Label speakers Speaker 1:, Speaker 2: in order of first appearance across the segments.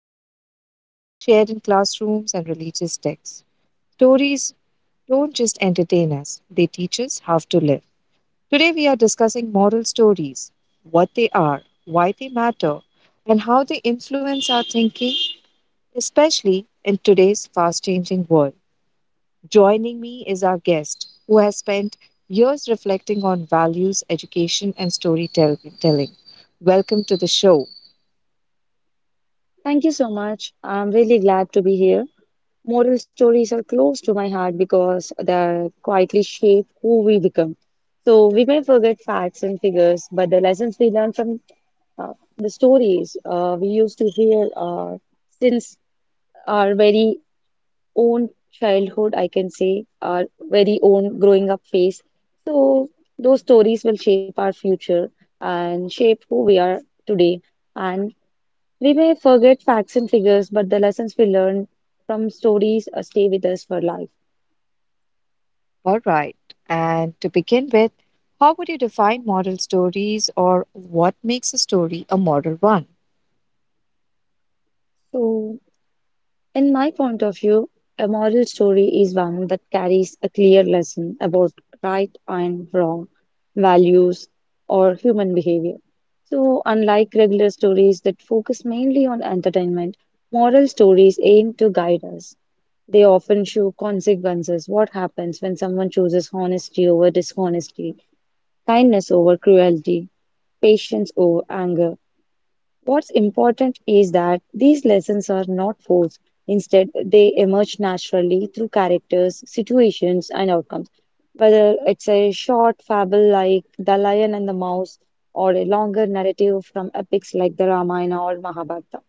Speaker 1: parables shared in classrooms and religious texts. Stories don't just entertain us, they teach us how to live. Today, we are discussing moral stories, what they are, why they matter, and how they influence our thinking, especially in today's fast changing world. Joining me is our guest, who has spent years reflecting on values, education, and storytelling. Welcome to the show.
Speaker 2: Thank you so much. I'm really glad to be here. Moral stories are close to my heart because they quietly shape who we become. So we may forget facts and figures, but the lessons we learn from uh, the stories we used to hear since our very own childhood, I can say, our very own growing up phase. So, those stories will shape our future and shape who we are today. And we may forget facts and figures, but the lessons we learn from stories stay with us for life.
Speaker 1: All right. And to begin with, how would you define model stories or what makes a story a model one?
Speaker 2: So, in my point of view, a moral story is one that carries a clear lesson about right and wrong, values, or human behavior. So, unlike regular stories that focus mainly on entertainment, moral stories aim to guide us. They often show consequences, what happens when someone chooses honesty over dishonesty, kindness over cruelty, patience over anger. What's important is that these lessons are not forced. Instead, they emerge naturally through characters, situations, and outcomes. Whether it's a short fable like The Lion and the Mouse, or a longer narrative from epics like the Ramayana or Mahabharata,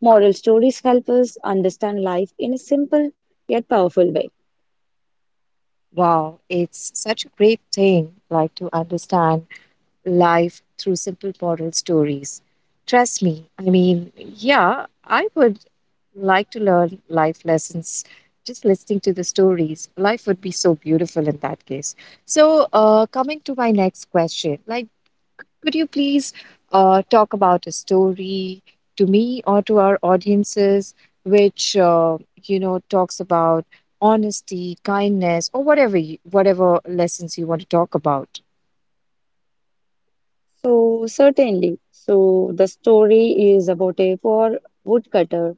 Speaker 2: moral stories help us understand life in a simple yet powerful way.
Speaker 1: Wow, it's such a great thing like to understand life through simple moral stories. Trust me, I mean, yeah, I would like to learn life lessons just listening to the stories. Life would be so beautiful in that case. So, coming to my next question, like, could you please talk about a story to me or to our audiences which, talks about honesty, kindness, or whatever, whatever lessons you want to talk about?
Speaker 2: So, certainly, so the story is about a poor woodcutter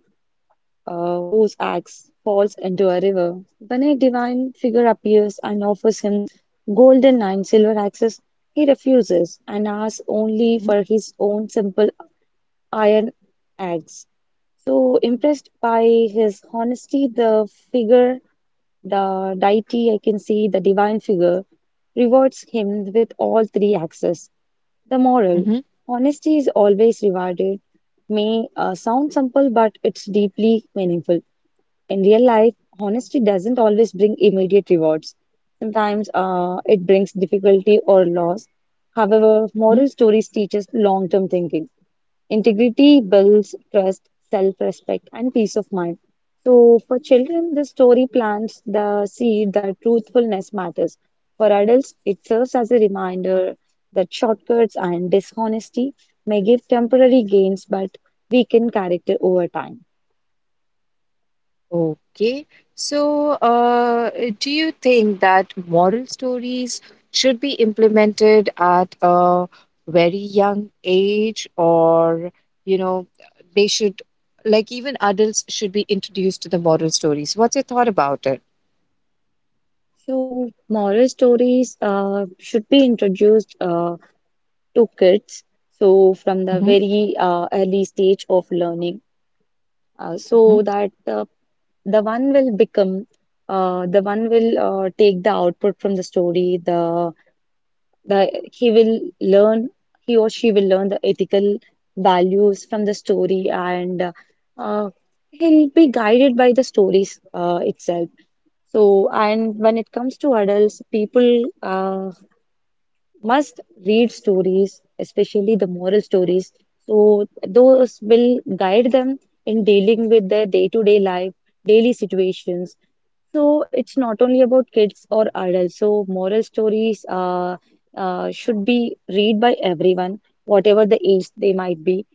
Speaker 2: whose axe falls into a river. When a divine figure appears and offers him golden and silver axes, he refuses and asks only
Speaker 1: Hmm.
Speaker 2: for his own simple iron axe. So, impressed by his honesty, the figure, the deity, I can see the divine figure, rewards him with all three axes. The moral, honesty is always rewarded, may sound simple, but it's deeply meaningful. In real life, honesty doesn't always bring immediate rewards. Sometimes it brings difficulty or loss. However,
Speaker 1: Hmm.
Speaker 2: moral stories teach us long-term thinking. Integrity builds trust, self-respect, and peace of mind. So, for children, the story plants the seed that truthfulness matters. For adults, it serves as a reminder that shortcuts and dishonesty may give temporary gains but weaken character over time.
Speaker 1: Okay. So, do you think that moral stories should be implemented at a very young age, or, you know, they should, like, even adults should be introduced to the moral stories? What's your thought about it?
Speaker 2: So, moral stories should be introduced to kids, so from the
Speaker 1: Mm-hmm.
Speaker 2: very early stage of learning,
Speaker 1: Mm-hmm.
Speaker 2: so that the one will become the one will take the output from the story, the he will learn, he or she will learn the ethical values from the story, and uh, he'll be guided by the stories itself. So, and when it comes to adults, people must read stories, especially the moral stories. So those will guide them in dealing with their day-to-day life, daily situations. So it's not only about kids or adults. So moral stories should be read by everyone, whatever the age they might be.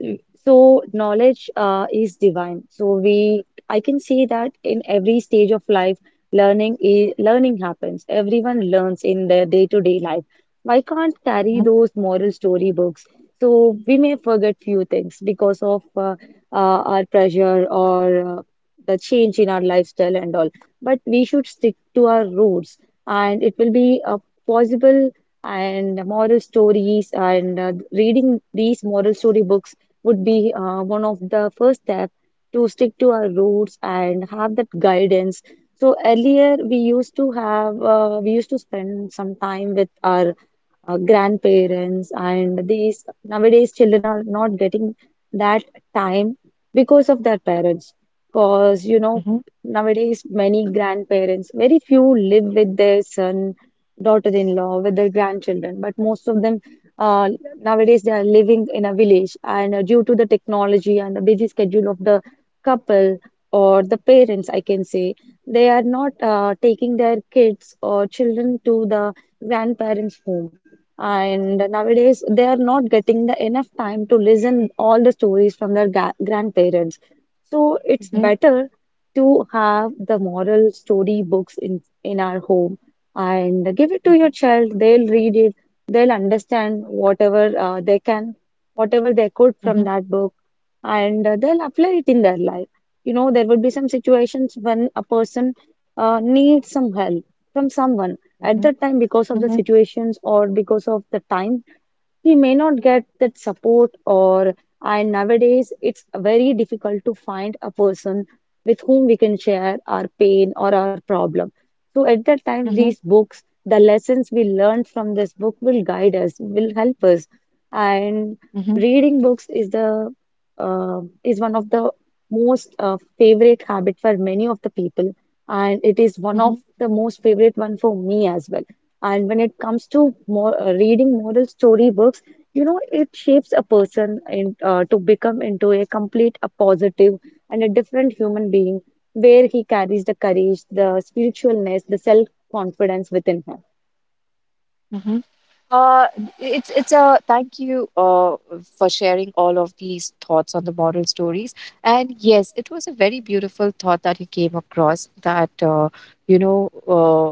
Speaker 2: Mm, So knowledge is divine. So we, I can say that in every stage of life, learning happens. Everyone learns in their day-to-day life. Why can't carry
Speaker 1: Mm-hmm.
Speaker 2: those moral storybooks? So we may forget few things because of our pressure or the change in our lifestyle and all. But we should stick to our roots, and it will be possible. And moral stories and reading these moral story books would be one of the first step to stick to our roots and have that guidance. So earlier we used to spend some time with our grandparents, and these nowadays children are not getting that time because of their parents, because you know,
Speaker 1: Mm-hmm.
Speaker 2: nowadays many grandparents, very few live with their son, daughter-in-law, with their grandchildren, but most of them uh, nowadays they are living in a village, and due to the technology and the busy schedule of the couple or the parents, I can say, they are not taking their kids or children to the grandparents home, and nowadays they are not getting the enough time to listen all the stories from their grandparents. So it's better to have the moral story books in our home and give it to your
Speaker 1: Mm-hmm.
Speaker 2: child, they'll read it, they'll understand whatever they can whatever they could from
Speaker 1: Mm-hmm.
Speaker 2: that book, and they'll apply it in their life. You know, there would be some situations when a person needs some help from someone. At
Speaker 1: Mm-hmm.
Speaker 2: that time, because of the
Speaker 1: Mm-hmm.
Speaker 2: situations or because of the time, we may not get that support, or, and nowadays it's very difficult to find a person with whom we can share our pain or our problem. So at that time,
Speaker 1: Mm-hmm.
Speaker 2: these books, the lessons we learned from this book will guide us, will help us. And
Speaker 1: Mm-hmm.
Speaker 2: reading books is the is one of the most favorite habit for many of the people, and it is one
Speaker 1: Mm-hmm.
Speaker 2: of the most favorite one for me as well. And when it comes to reading moral storybooks, you know, it shapes a person in, to become into a complete, a positive, and a different human being, where he carries the courage, the spiritualness, the self-confidence within him.
Speaker 1: Mm-hmm. Uh, it's a thank you for sharing all of these thoughts on the moral stories. And yes, it was a very beautiful thought that you came across that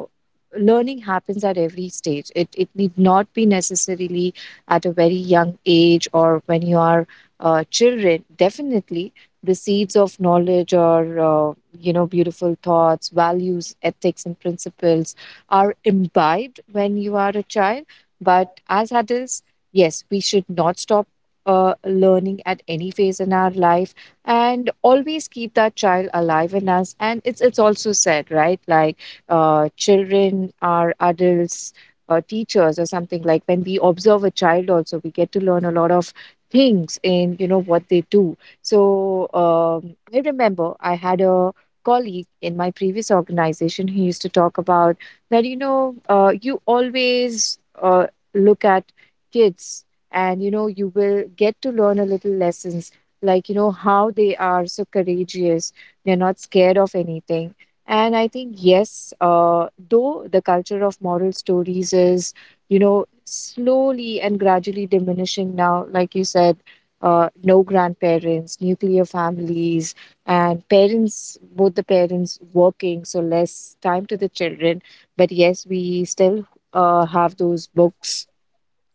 Speaker 1: learning happens at every stage. It need not be necessarily at a very young age or when you are children. Definitely, the seeds of knowledge or beautiful thoughts, values, ethics, and principles are imbibed when you are a child, but as adults, yes, we should not stop learning at any phase in our life, and always keep that child alive in us. And it's also said, right? Like children are adults. Teachers or something, like when we observe a child also we get to learn a lot of things in what they do. So, I remember I had a colleague in my previous organization who used to talk about that, you always look at kids, and, you will get to learn a little lessons, like, how they are so courageous, they're not scared of anything. And I think, yes, though the culture of moral stories is, slowly and gradually diminishing now, like you said, no grandparents, nuclear families, and parents, both the parents working, so less time to the children. But yes, we still have those books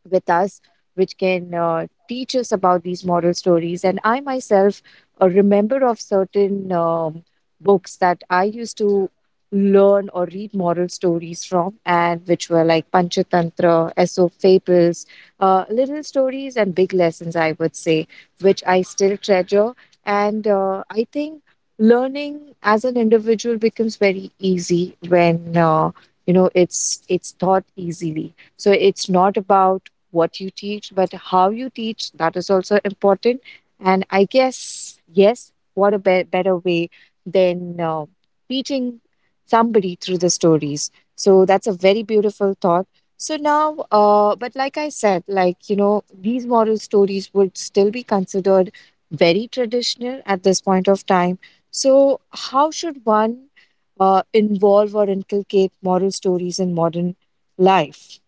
Speaker 1: with us, which can teach us about these moral stories. And I myself remember of certain books that I used to learn or read moral stories from, and which were like Panchatantra, Aesop Fables, little stories, and big lessons, I would say, which I still treasure. And I think learning as an individual becomes very easy when it's taught easily, so it's not about what you teach, but how you teach, that is also important. And I guess, yes, what a better way than teaching somebody through the stories. So that's a very beautiful thought. So now, but like I said, like, these moral stories would still be considered very traditional at this point of time. So, how should one involve or inculcate moral stories in modern life?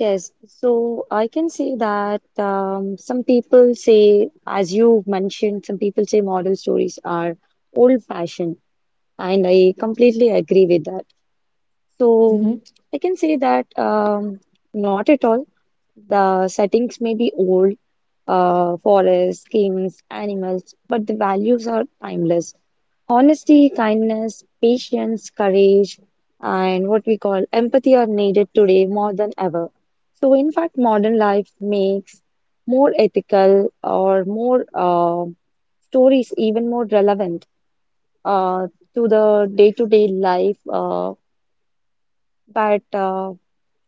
Speaker 2: Yes, so I can say that some people say, as you mentioned, some people say moral stories are old-fashioned, and I completely agree with that.
Speaker 1: Hmm.
Speaker 2: So I can say that not at all. The settings may be old, forests, kings, animals, but the values are timeless. Honesty, kindness, patience, courage, and what we call empathy are needed today more than ever. So, in fact, modern life makes more ethical or more stories even more relevant uh, to the day-to-day life. But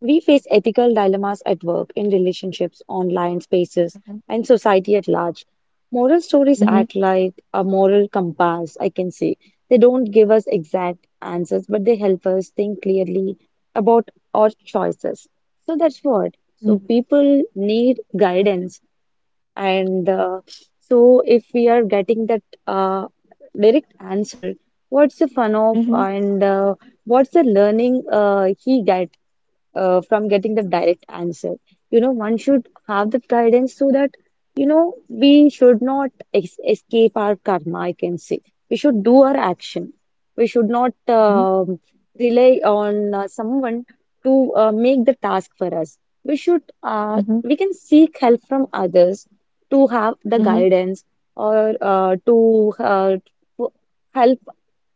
Speaker 2: We face ethical dilemmas at work, in relationships, online spaces, and society at large. Moral stories
Speaker 1: Hmm.
Speaker 2: act like a moral compass, I can say. They don't give us exact answers, but they help us think clearly about our choices. So that's what. So
Speaker 1: Mhm.
Speaker 2: people need guidance, and so if we are getting that direct answer, what's the fun of,
Speaker 1: Mhm.
Speaker 2: and what's the learning he guidance from getting the direct answer? You know, one should have that guidance so that, you know, we should not ex escape our karma, I can say. We should do our action. We should not
Speaker 1: Mhm.
Speaker 2: rely on someone to make the task for us.
Speaker 1: Mhm.
Speaker 2: We can seek help from others to have the
Speaker 1: Mhm.
Speaker 2: guidance, or to help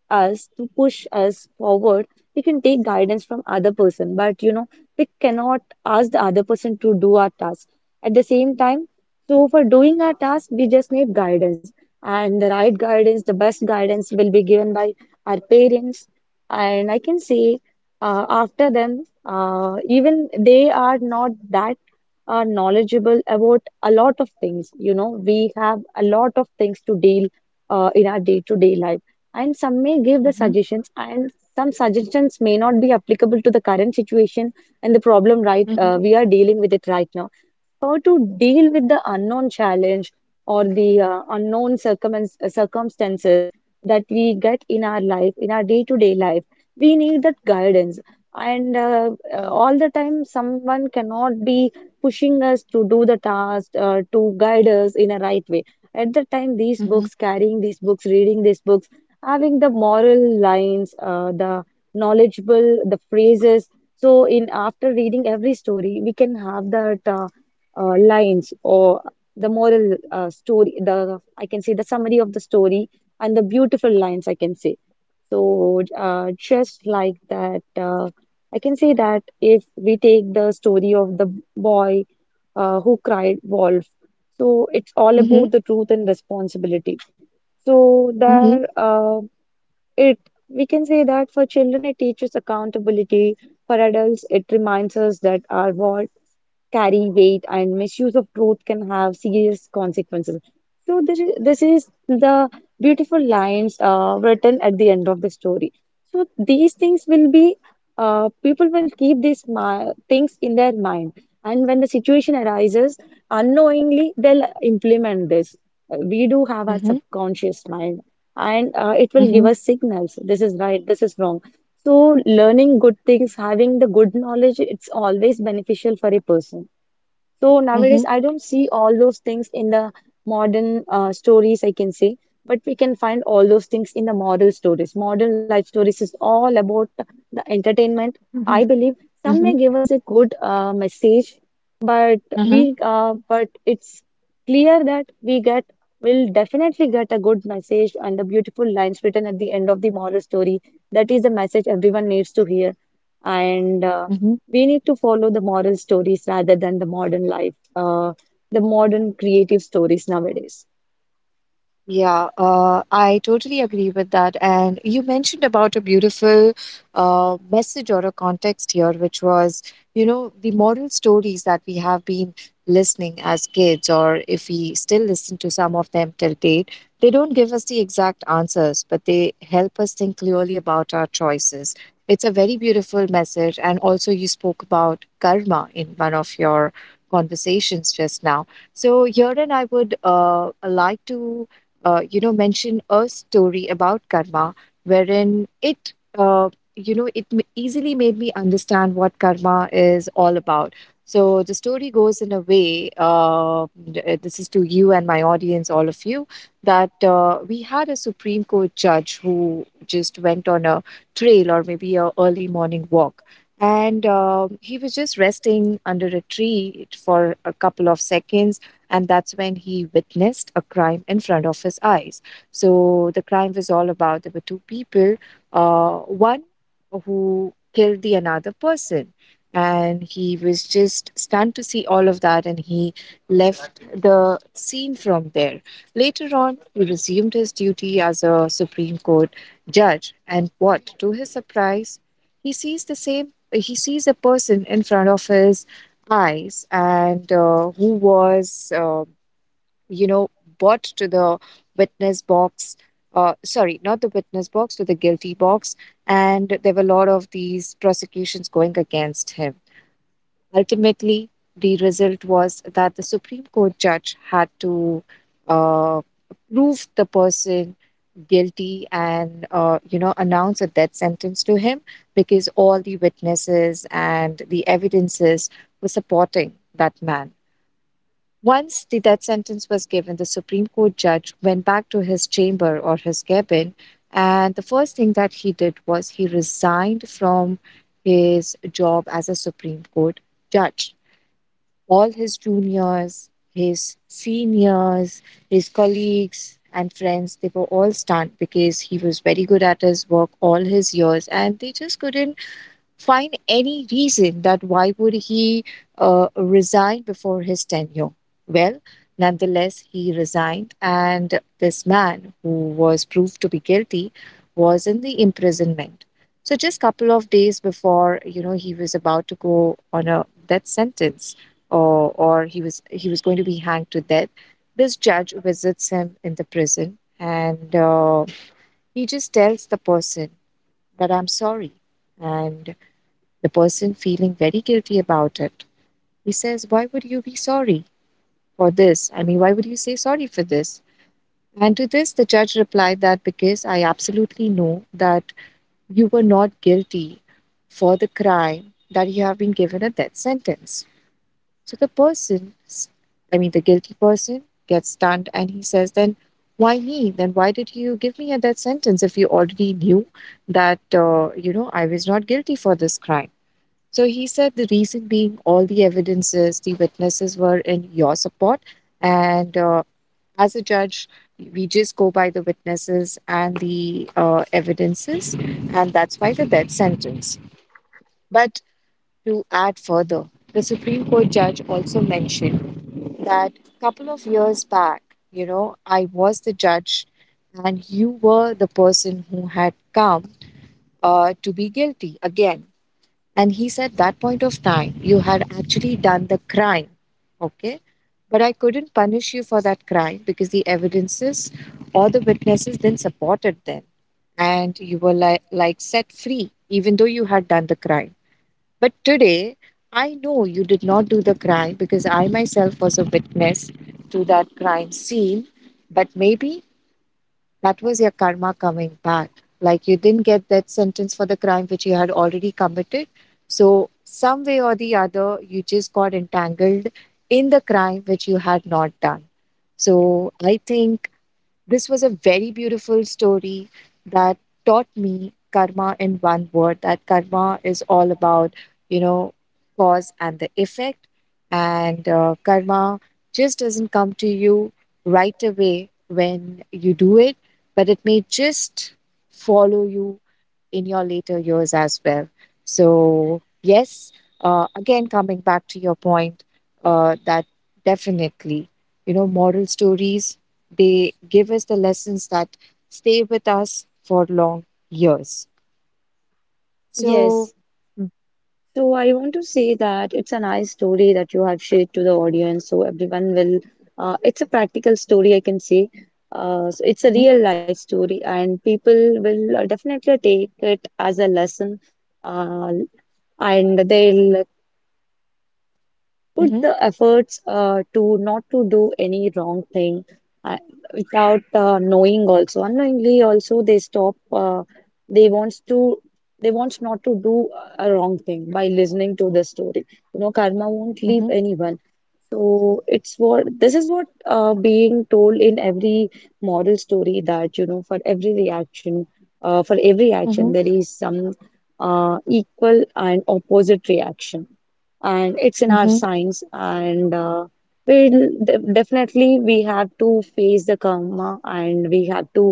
Speaker 2: us, to push us forward. We can take guidance from other person, but you know, we cannot ask the other person to do our task at the same time. So for doing our task, we just need guidance, and the right guidance, the best guidance will be given by our parents. And I can say after them, even they are not that knowledgeable about a lot of things. You know, we have a lot of things to deal in our day-to-day life, and some may give the
Speaker 1: Mhm.
Speaker 2: suggestions, and some suggestions may not be applicable to the current situation and the problem right
Speaker 1: Mhm. Mhm.
Speaker 2: we are dealing with it right now. How to deal with the unknown challenge or the circumstances that we get in our life, in our day to day life. We need that guidance. And all the time, someone cannot be pushing us to do the task, to guide us in a right way. At the time, these
Speaker 1: Mhm.
Speaker 2: books, carrying these books, reading these books, having the moral lines, the knowledgeable, the phrases. So, in after reading every story, we can have that. Lines, or the moral story, the, I can say, the summary of the story and the beautiful lines, I can say. So Just like that, I can say that if we take the story of the boy who cried wolf, so it's all
Speaker 1: Mhm.
Speaker 2: about the truth and responsibility. So
Speaker 1: Mhm.
Speaker 2: there, it we can say that for children it teaches accountability. For adults, it reminds us that our world carry weight and misuse of growth can have serious consequences. This is the beautiful lines written at the end of the story. So these things will be, people will keep these things in their mind, and when the situation arises, unknowingly they'll implement this. We do have our
Speaker 1: Mhm.
Speaker 2: subconscious mind, and it will give
Speaker 1: Mhm.
Speaker 2: us signals. This is right. This is wrong. So learning good things, having the good knowledge, it's always beneficial for a person. So nowadays,
Speaker 1: Mhm.
Speaker 2: I don't see all those things in the modern stories, I can say, but we can find all those things in the model stories. Modern life stories is all about the entertainment.
Speaker 1: Mhm.
Speaker 2: I believe some may give us a good message, but
Speaker 1: Mhm.
Speaker 2: we but it's clear that we get will definitely get a good message and the beautiful lines written at the end of the moral story. That is the message everyone needs to hear, and
Speaker 1: Mhm. Mhm.
Speaker 2: we need to follow the moral stories rather than the modern life, the modern creative stories nowadays.
Speaker 1: Yeah, I totally agree with that. And you mentioned about a beautiful message or a context here, which was, the moral stories that we have been listening as kids, or if we still listen to some of them till date, they don't give us the exact answers, but they help us think clearly about our choices. It's a very beautiful message. And also, you spoke about karma in one of your conversations just now. So, here, and I would like to mention a story about karma, wherein it, you know, it m- easily made me understand what karma is all about. So the story goes in a way, this is to you and my audience, all of you, that we had a Supreme Court judge who just went on a trail or maybe a early morning walk. And he was just resting under a tree for a couple of seconds, and that's when he witnessed a crime in front of his eyes. So the crime was all about there were two people, one who killed the another person, and he was just stunned to see all of that, and he left the scene from there. Later on, he resumed his duty as a Supreme Court judge, and what to his surprise, he sees the same. He sees a person in front of his eyes and who was, you know, brought to the witness box. Sorry, not the witness box, to the guilty box. And there were a lot of these prosecutions going against him. Ultimately, the result was that the Supreme Court judge had to uh, prove the person guilty and announce a death sentence to him because all the witnesses and the evidences were supporting that man. Once the death sentence was given, the Supreme Court judge went back to his chamber or his cabin, and the first thing that he did was he resigned from his job as a Supreme Court judge. All his juniors, his seniors, his colleagues, and friends, they were all stunned because he was very good at his work all his years, and they just couldn't find any reason that why would he resign before his tenure. Well, nonetheless, he resigned, and this man who was proved to be guilty was in the imprisonment. So just couple of days before, he was about to go on a death sentence, or he was going to be hanged to death. This judge visits him in the prison, and he just tells the person that I'm sorry, and the person, feeling very guilty about it, he says, "Why would you be sorry for this? I mean, why would you say sorry for this?" And to this, the judge replied that because I absolutely know that you were not guilty for the crime that you have been given a death sentence. So the person, I mean, the guilty person gets stunned, and he says, "Then why me? Then why did you give me a death sentence if you already knew that, I was not guilty for this crime?" So he said the reason being all the evidences, the witnesses were in your support. And as a judge, we just go by the witnesses and the evidences. And that's why the death sentence. But to add further, the Supreme Court judge also mentioned that couple of years back, I was the judge and you were the person who had come to be guilty again, and he said, that point of time, you had actually done the crime. Okay. But I couldn't punish you for that crime because the evidences or the witnesses then supported them. And you were like, set free, even though you had done the crime. But today, I know you did not do the crime because I myself was a witness to that crime scene. But maybe that was your karma coming back. Like you didn't get that sentence for the crime which you had already committed. So, some way or the other, you just got entangled in the crime which you had not done. So, I think this was a very beautiful story that taught me karma in one word, that karma is all about, you know, cause and the effect. And karma just doesn't come to you right away when you do it, but it may just follow you in your later years as well. So, yes, again, coming back to your point, that definitely, moral stories, they give us the lessons that stay with us for long years. So.
Speaker 2: Yes. So I want to say that it's a nice story that you have shared to the audience. So everyone will, it's a practical story, I can say. So it's a
Speaker 1: Mm-hmm.
Speaker 2: real life story, and people will definitely take it as a lesson. Uh, and they'll put
Speaker 1: Mm-hmm.
Speaker 2: the efforts to not to do any wrong thing uh, without knowing also, unknowingly also they stop they wants to they wants not to do a wrong thing by listening to the story. You know, karma won't leave
Speaker 1: Mm-hmm.
Speaker 2: anyone. So it's what this is what being told in every moral story, that you know, for every reaction, for every
Speaker 1: Mm-hmm.
Speaker 2: action there is some equal and opposite reaction, and it's in our
Speaker 1: Mm-hmm.
Speaker 2: science, and we'll de definitely we have to face the karma, and we have to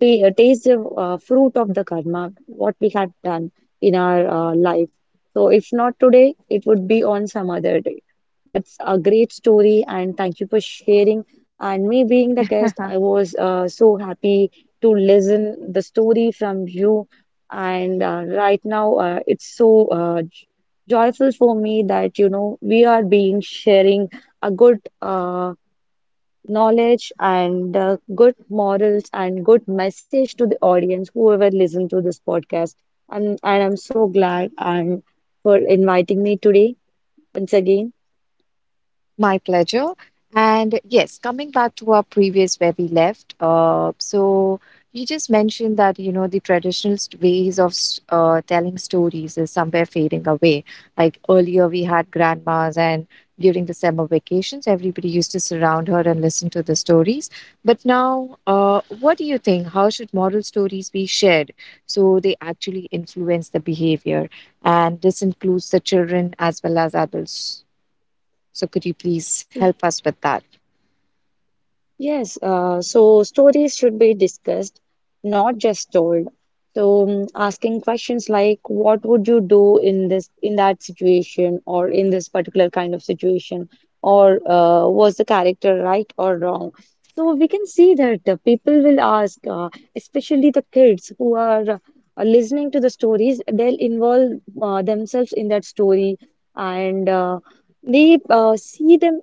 Speaker 2: taste the fruit of the karma what we have done in our life. So if not today, it would be on some other day. That's a great story, and thank you for sharing. And me being the guest, I was so happy to listen the story from you. And right now, it's so joyful for me that you know we are being sharing a good knowledge and good morals and good message to the audience, whoever listen to this podcast. And I'm so glad, and for inviting me today once again.
Speaker 1: My pleasure. And yes, coming back to our previous where we left, so you just mentioned that, the traditional ways of telling stories is somewhere fading away. Like earlier, we had grandmas, and during the summer vacations, everybody used to surround her and listen to the stories. But now, what do you think? How should moral stories be shared so they actually influence the behavior? And this includes the children as well as adults. So could you please help us with that?
Speaker 2: Yes, so stories should be discussed, not just told. So asking questions like, what would you do in that situation, or in this particular kind of situation, or was the character right or wrong? So we can see that people will ask, especially the kids who are listening to the stories, they'll involve themselves in that story, and they see them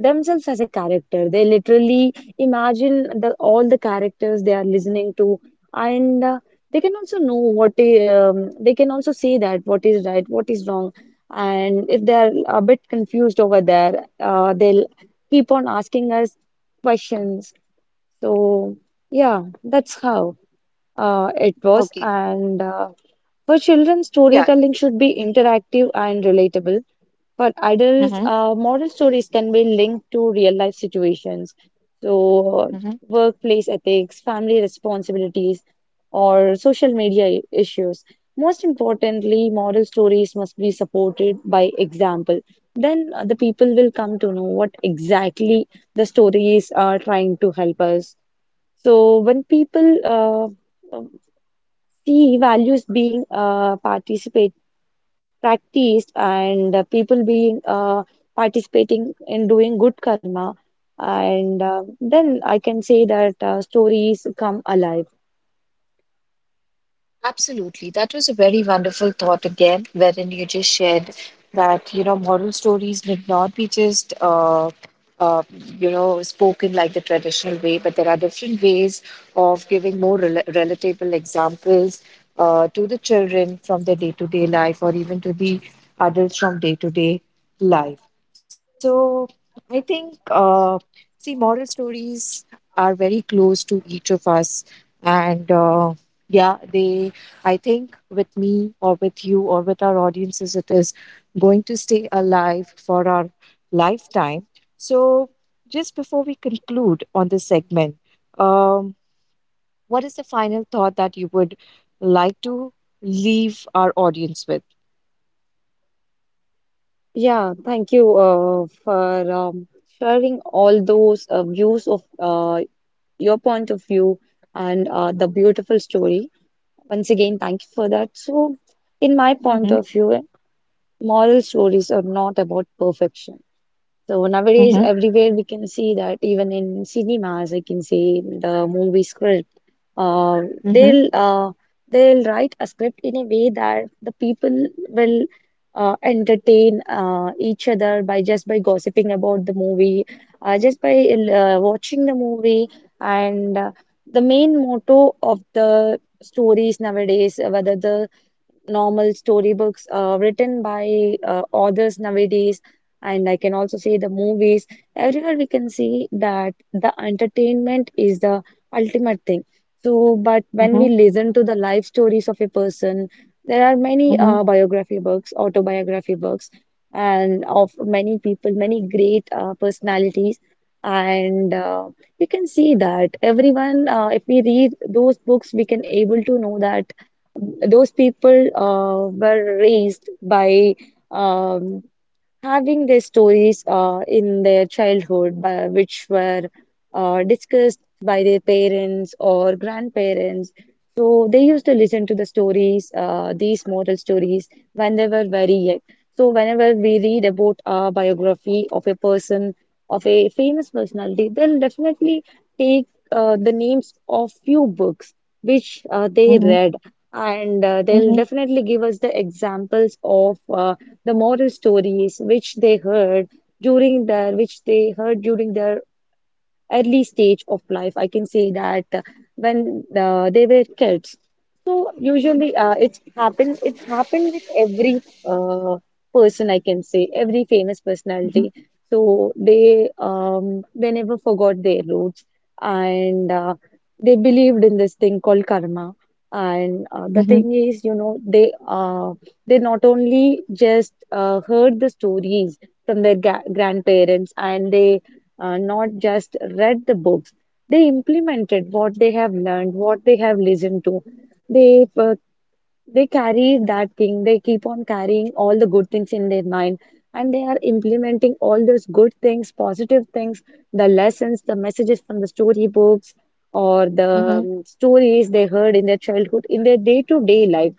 Speaker 2: themselves as a character. They literally imagine all the characters they are listening to, and they can also know what they can also say that what is right, what is wrong, and if they are a bit confused over there, they'll keep on asking us questions. So yeah, that's how it was,
Speaker 1: Okay.
Speaker 2: and. For children,
Speaker 1: Yes.
Speaker 2: storytelling should be interactive and relatable. For adults,
Speaker 1: Mm-hmm.
Speaker 2: moral stories can be linked to real life situations. So,
Speaker 1: Mm-hmm.
Speaker 2: workplace ethics, family responsibilities, or social media issues. Most importantly, moral stories must be supported by example. Then the people will come to know what exactly the stories are trying to help us. So, when people uh, see values being participate practiced, and people being participating in doing good karma, and then I can say that stories come alive.
Speaker 1: Absolutely. That was a very wonderful thought again, wherein you just shared that, moral stories need not be just, uh, spoken like the traditional way, but there are different ways of giving more relatable examples to the children from their day-to-day life, or even to the adults from day-to-day life. So I think, see, moral stories are very close to each of us, and, yeah, they I think with me or with you or with our audiences, it is going to stay alive for our lifetime. So, just before we conclude on this segment, what is the final thought that you would like to leave our audience with?
Speaker 2: Yeah, thank you for sharing all those views of your point of view, and the beautiful story. Once again, thank you for that. So, in my point of view, moral stories are not about perfection. So nowadays, everywhere we can see that even in cinemas, I can see the movie script. Uh, they'll uh, they'll write a script in a way that the people will entertain each other by just by gossiping about the movie, just by watching the movie. And the main motto of the stories nowadays, whether the normal storybooks written by authors nowadays. And I can also say the movies. Everywhere we can see that the entertainment is the ultimate thing. So, but when we listen to the life stories of a person, there are many biography books, autobiography books, and of many people, many great personalities. And you can see that everyone, if we read those books, we can able to know that those people were raised by um, having their stories in their childhood, which were discussed by their parents or grandparents. So they used to listen to the stories, these moral stories, when they were very young. So whenever we read about a biography of a person, of a famous personality, they'll definitely take the names of few books which they read, and they'll definitely give us the examples of the moral stories which they heard during their early stage of life. I can say that when they were kids. So usually it happened with every uh, person, I can say, every famous personality. So they never forgot their roots, and they believed in this thing called karma. And the thing is, you know, they not only just heard the stories from their ga grandparents, and they not just read the books. They implemented what they have learned, what they have listened to. They uh, they carry that thing. They keep on carrying all the good things in their mind, and they are implementing all those good things, positive things, the lessons, the messages from the storybooks or the stories they heard in their childhood in their day-to-day life.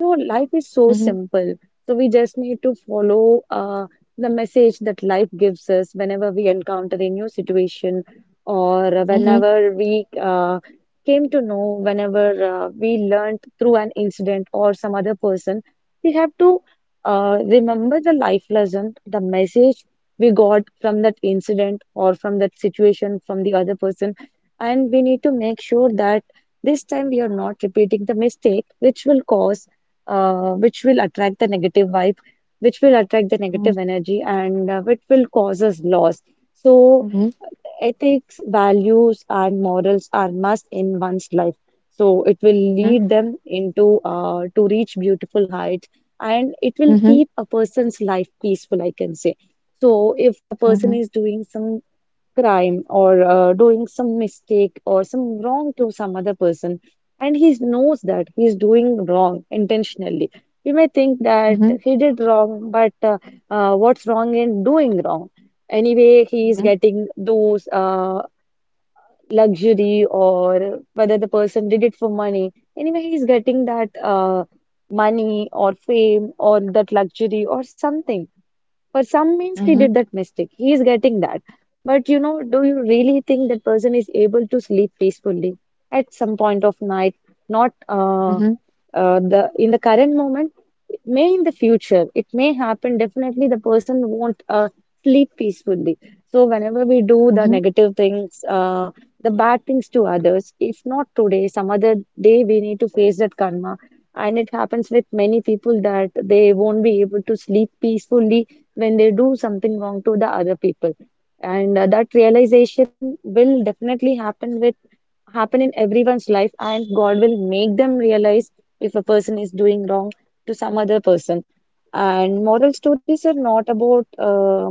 Speaker 2: So life is so simple. So we just need to follow the message that life gives us whenever we encounter a new situation or whenever we came to know, whenever we learned through an incident or some other person. We have to remember the life lesson, the message we got from that incident or from that situation from the other person. And we need to make sure that this time we are not repeating the mistake, which will cause which will attract the negative vibe, which will attract the negative energy, and which will cause us loss. So, ethics, values, and morals are must in one's life. So, it will lead them into to reach beautiful heights, and it will keep a person's life peaceful, I can say. So, if a person is doing some crime or doing some mistake or some wrong to some other person, and he knows that he is doing wrong intentionally, we may think that he did wrong, but what's wrong in doing wrong? Anyway, he is getting those luxury, or whether the person did it for money, anyway, he is getting that money or fame or that luxury or something. For some means he did that mistake. He is getting that. But you know, do you really think that person is able to sleep peacefully at some point of night? Not the in the current moment, it may in the future, it may happen. Definitely, the person won't sleep peacefully. So whenever we do the negative things, the bad things to others, if not today, some other day, we need to face that karma. And it happens with many people that they won't be able to sleep peacefully when they do something wrong to the other people. And that realization will definitely happen in everyone's life, and God will make them realize if a person is doing wrong to some other person. And moral stories are not about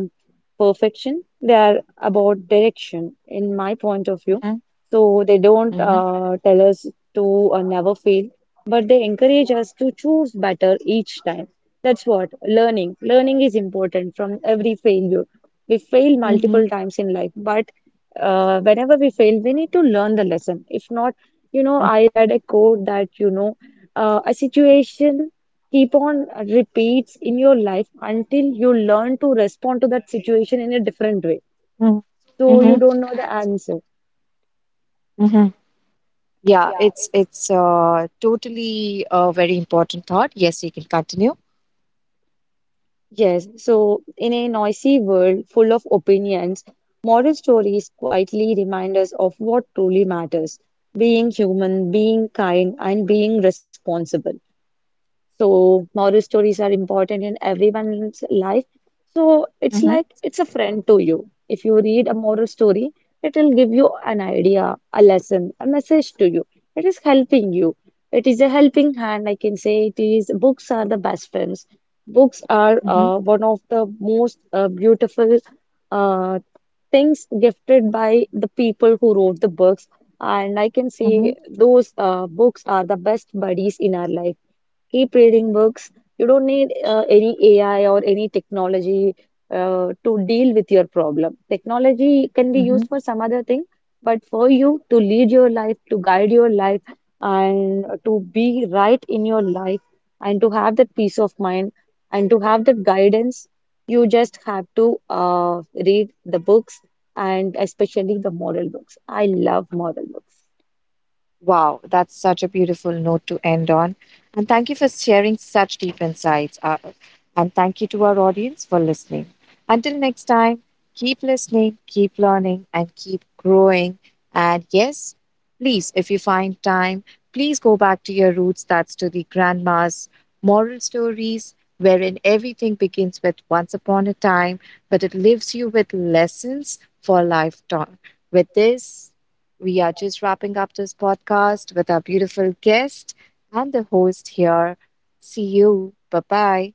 Speaker 2: perfection, they are about direction, in my point of view. So they don't
Speaker 1: Mhm.
Speaker 2: tell us to never fail, but they encourage us to choose better each time. That's what learning. Learning is important from every failure. We fail
Speaker 1: Mhm.
Speaker 2: multiple times in life, but whenever we fail, we need to learn the lesson. If not, you know,
Speaker 1: Mhm.
Speaker 2: I read a quote that, you know, a situation keep on repeats in your life until you learn to respond to that situation in a different way.
Speaker 1: Mhm.
Speaker 2: So you
Speaker 1: Mhm.
Speaker 2: don't know the answer.
Speaker 1: Mhm. Yeah, it's totally a very important thought. Yes, you can continue.
Speaker 2: Yes, so in a noisy world full of opinions, moral stories quietly remind us of what truly matters: being human, being kind, and being responsible. So moral stories are important in everyone's life. So it's
Speaker 1: Mm-hmm.
Speaker 2: like it's a friend to you. If you read a moral story, it will give you an idea, a lesson, a message to you. It is helping you. It is a helping hand, I can say it is. Books are the best friends. Books are
Speaker 1: Mm-hmm.
Speaker 2: one of the most beautiful uh, things gifted by the people who wrote the books. And I can say those books are the best buddies in our life. Keep reading books. You don't need any AI or any technology to deal with your problem. Technology can be
Speaker 1: Mm-hmm.
Speaker 2: used for some other thing, but for you to lead your life, to guide your life, and to be right in your life, and to have that peace of mind, and to have that guidance, you just have to read the books, and especially the moral books. I love moral books.
Speaker 1: Wow, that's such a beautiful note to end on. And thank you for sharing such deep insights. And thank you to our audience for listening. Until next time, keep listening, keep learning, and keep growing. And yes, please, if you find time, please go back to your roots. That's to the grandma's moral stories, wherein everything begins with once upon a time, but it leaves you with lessons for lifetime. With this, we are just wrapping up this podcast with our beautiful guest and the host here. See you. Bye bye.